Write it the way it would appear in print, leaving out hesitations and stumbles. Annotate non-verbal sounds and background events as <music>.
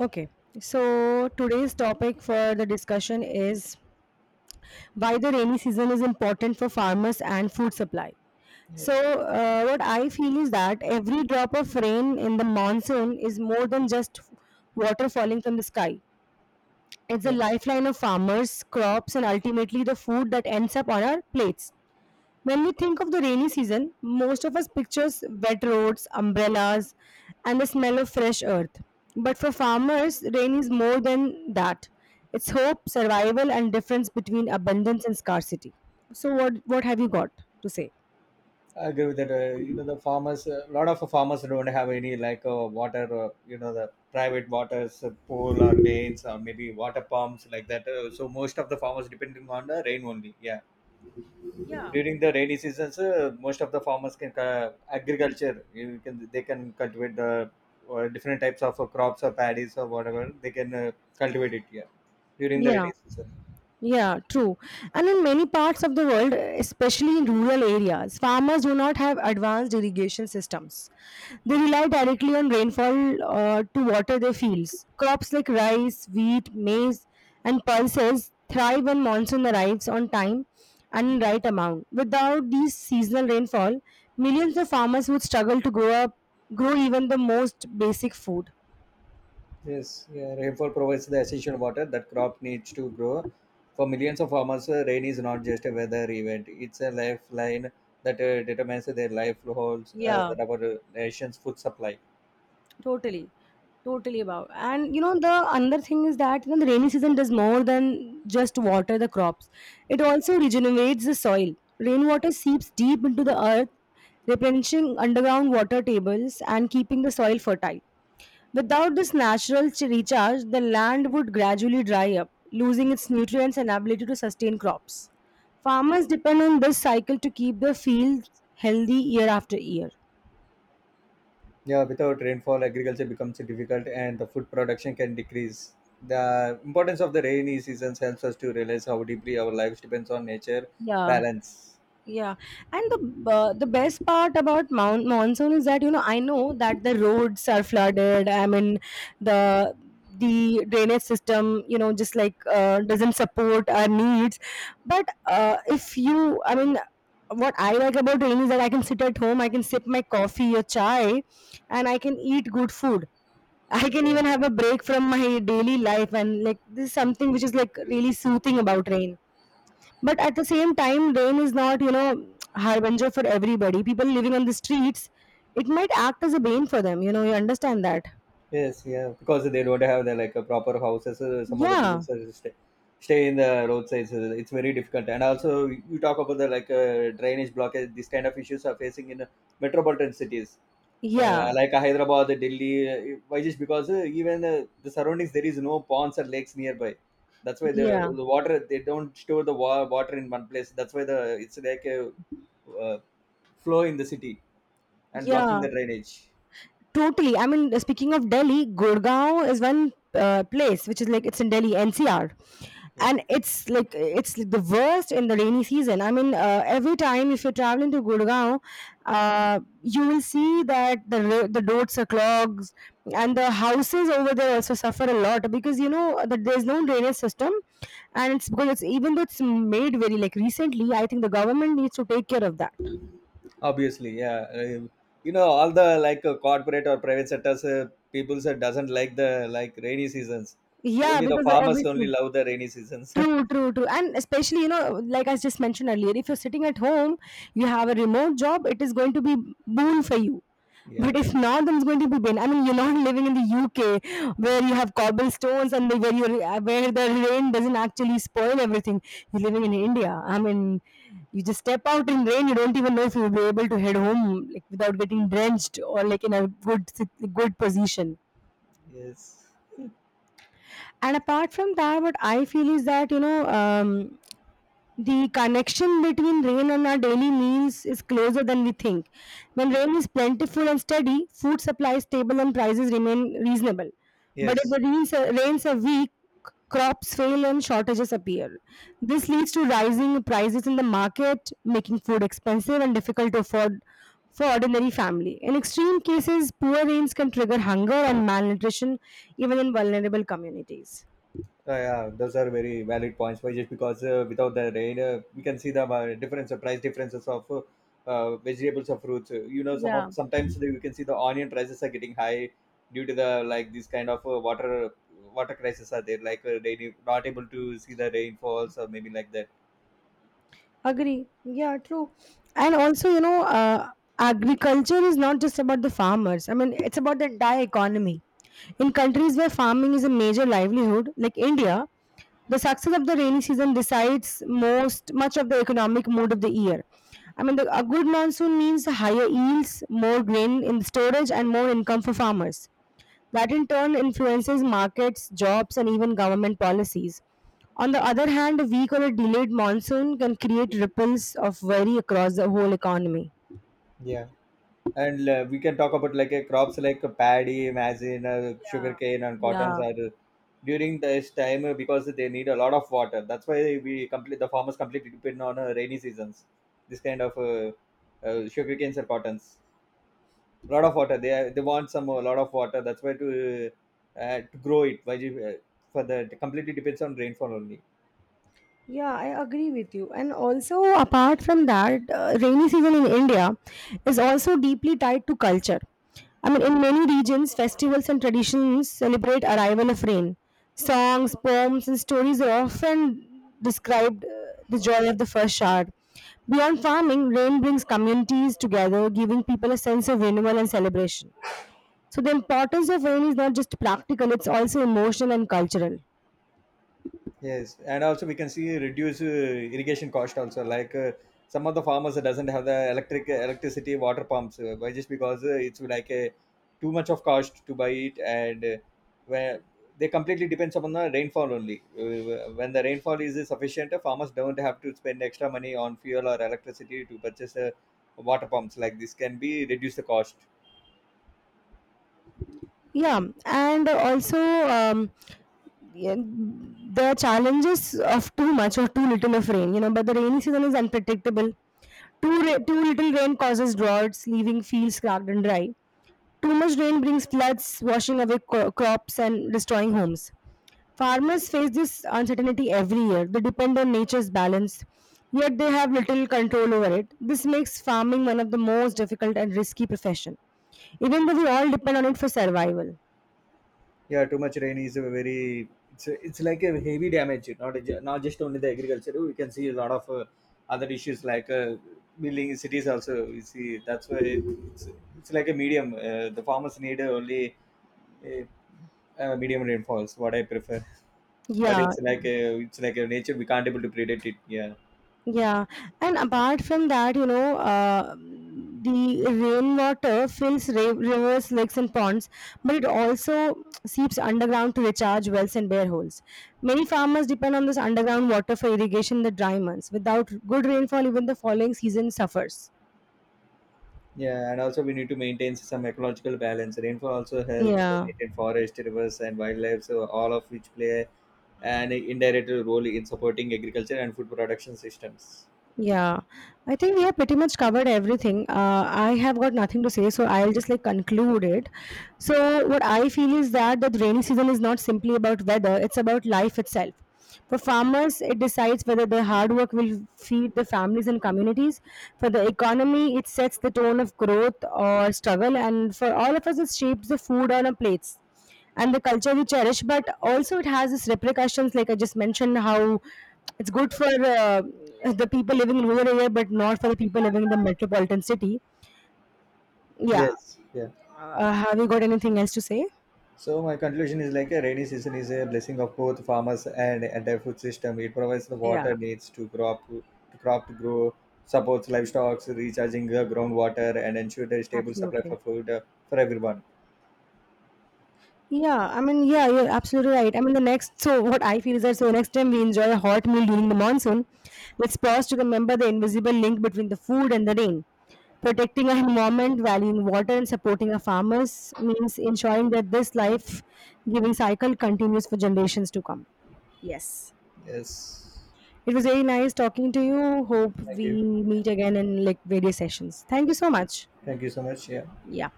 Okay, so today's topic for the discussion is why the rainy season is important for farmers and food supply. Yeah, So what I feel is that every drop of rain in the monsoon is more than just water falling from the sky. It's the yeah, lifeline of farmers, crops, and ultimately the food that ends up on our plates. When we think of the rainy season, most of us pictures wet roads, umbrellas, and the smell of fresh earth. But for farmers, rain is more than that. It's hope, survival, and difference between abundance and scarcity. So what have you got to say? I agree with that. The farmers, a lot of farmers don't have any water, the private waters, pool or lanes or maybe water pumps like that. So most of the farmers depending on the rain only. Yeah, Yeah, during the rainy seasons, most of the farmers can agriculture. You can They can cultivate the different types of crops or paddies or whatever they can cultivate it. Yeah, during the yeah. rainy season. Yeah, true. And in many parts of the world, especially in rural areas, farmers do not have advanced irrigation systems. They rely directly on rainfall to water their fields. Crops like rice, wheat, maize, and pulses thrive when monsoon arrives on time and in right amount. Without these seasonal rainfall, millions of farmers would struggle to grow even the most basic food. Yes, yeah, rainfall provides the essential water that crop needs to grow. For millions of farmers, rain is not just a weather event; it's a lifeline that determines their livelihoods, Yeah. that our nation's food supply. Totally. Totally about. And you know, the another thing is that you know the rainy season does more than just water the crops. It also regenerates the soil. Rainwater seeps deep into the earth, replenishing underground water tables and keeping the soil fertile. Without this natural recharge, the land would gradually dry up, losing its nutrients and ability to sustain crops. Farmers depend on this cycle to keep their fields healthy year after year. Yeah, without rainfall, agriculture becomes difficult, and the food production can decrease. The importance of the rainy seasons helps us to realize how deeply our lives depends on nature Yeah. balance. Yeah, and the best part about monsoon is that you know I know that the roads are flooded. I mean, the the drainage system, you know, just like doesn't support our needs. But if you, I mean, what I like about rain is that I can sit at home, I can sip my coffee or chai, and I can eat good food. <laughs> I can Yeah. even have a break from my daily life, and like this is something which is like really soothing about rain. But at the same time, rain is not, you know, <tsk> harbinger for everybody. People living on the streets, it might act as a bane for them. You know, you understand that? Yes, yeah, because they don't have the like a proper houses. Some of the people Yeah, say stay, stay in the roadsides. It's very difficult. And also, you talk about the drainage blockage. These kind of issues are facing in metropolitan cities, yeah, Hyderabad, Delhi. Why just because even the surroundings there is no ponds or lakes nearby. That's why the, yeah, the water they don't store the water in one place. That's why the it's like a uh, flow in the city and blocking yeah. the drainage. Totally. I mean, speaking of Delhi, Gurgaon is one place which is like it's in Delhi NCR, Yeah. and it's like the worst in the rainy season. I mean, every time if you're traveling to Gurgaon, you will see that the roads are clogged, and the houses over there also suffer a lot because you know that there's no drainage system, and it's because it's even though it's made very like recently, I think the government needs to take care of that. Obviously, yeah. All the corporate or private sectors, people said doesn't like the like rainy seasons. Yeah, Only the because farmers only obviously love the rainy seasons. true, true, true. And especially, you know, like I just mentioned earlier, if you're sitting at home, you have a remote job, it is going to be boon for you. <laughs> yeah. But if not, then it's going to be pain. I mean, you're not <laughs> living in the UK where you have cobblestones and where you where the rain doesn't actually spoil everything. You're living in India. I mean, you just step out in rain, you don't even know if you'll be able to head home like without getting drenched or like in a good position. Yes. And apart from that, what I feel is that the connection between rain and our daily meals is closer than we think. When rain is plentiful and steady, food supply is stable and prices remain reasonable. But if Yes. Rains are weak, crops fail and shortages appear. This leads to rising prices in the market, making food expensive and difficult to afford for ordinary family. In extreme cases, poor rains can trigger hunger and malnutrition even in vulnerable communities. Yeah, those are very valid points. Why just because without the rain, we can see the difference, price differences of vegetables or fruits. You know, some of Yeah. sometimes the- we can see the onion prices are getting high due to the like this kind of water crisis are there. They not able to see the rainfalls or maybe like that. Agree. Yeah, true. And also, you know, agriculture is not just about the farmers. I mean, it's about the entire economy. In countries where farming is a major livelihood, like India, the success of the rainy season decides most much of the economic mood of the year. I mean, a good monsoon means higher yields, more grain in storage, and more income for farmers that in turn influences markets, jobs, and even government policies. On the other hand, a weak or a delayed monsoon can create ripples of worry across the whole economy. Yeah, and we can talk about like a crops like paddy, maize, sugarcane, and cottons are during this time because they need a lot of water. That's why we complete the farmers completely depend on rainy seasons. This kind of sugarcanes or cottons, a lot of water. They want some a lot of water. That's why to grow it. For the it completely depends on rainfall only. Yeah, I agree with you. And also, apart from that, rainy season in India is also deeply tied to culture. I mean, in many regions, festivals and traditions celebrate arrival of rain. Songs, poems, and stories are often described the joy of the first shower. Beyond farming, rain brings communities together, giving people a sense of renewal and celebration. So the importance of rain is not just practical; it's also emotional and cultural. Yes, and also we can see reduce irrigation cost also. Some of the farmers doesn't have the electricity water pumps by just because it's like a too much of cost to buy it, and where they completely depends upon the rainfall only. When the rainfall is sufficient, farmers don't have to spend extra money on fuel or electricity to purchase water pumps. Like this can be reduce the cost. Yeah, and also. Um, Yeah, the challenges of too much or too little of rain, you know, but the rainy season is unpredictable. Too little rain causes droughts, leaving fields cracked and dry. Too much rain brings floods, washing away crops and destroying homes. Farmers face this uncertainty every year. They depend on nature's balance, yet they have little control over it. This makes farming one of the most difficult and risky profession, even though we all depend on it for survival. Yeah, too much rain is a very it's like a heavy damage. Not a, not just only the agriculture. We can see a lot of other issues like building cities also. We see that's why it's like a medium. The farmers need only a, a medium rainfalls. What I prefer, but Yeah, it's like a nature. We can't able to predict it. Yeah. yeah, and apart from that, you know, the rainwater fills rivers, lakes, and ponds, but it also seeps underground to recharge wells and bear holes. Many farmers depend on this underground water for irrigation in the dry months. Without good rainfall, even the following season suffers. Yeah, and also we need to maintain some ecological balance. Rainfall also helps Yeah. maintain forest, rivers, and wildlife, so all of which play and indirect role in supporting agriculture and food production systems. Yeah, I think we have pretty much covered everything. I have got nothing to say, so I'll just like conclude it. So, what I feel is that the rainy season is not simply about weather, it's about life itself. For farmers, it decides whether their hard work will feed their families and communities. For the economy, it sets the tone of growth or struggle. And for all of us, it shapes the food on our plates and the culture we cherish, but also it has its repercussions like I just mentioned how it's good for the people living in rural area but not for the people living in the metropolitan city. Yeah, Yes, yeah. Have you got anything else to say? So my conclusion is like a rainy season is a blessing of both farmers and entire food system. It provides the Yeah, water needs to crop to grow, supports livestock, recharging the groundwater, and ensure a stable supply absolutely. for food for everyone. Yeah, I mean, yeah, you're absolutely right. I mean, so what I feel is that so next time we enjoy a hot meal during the monsoon, let's pause to remember the invisible link between the food and the rain. Protecting our environment, valuing water, and supporting our farmers means ensuring that this life giving cycle continues for generations to come. Yes. Yes, It was very nice talking to you. Hope thank you, we meet again in like various sessions. Thank you so much. thank you so much. Yeah, Yeah.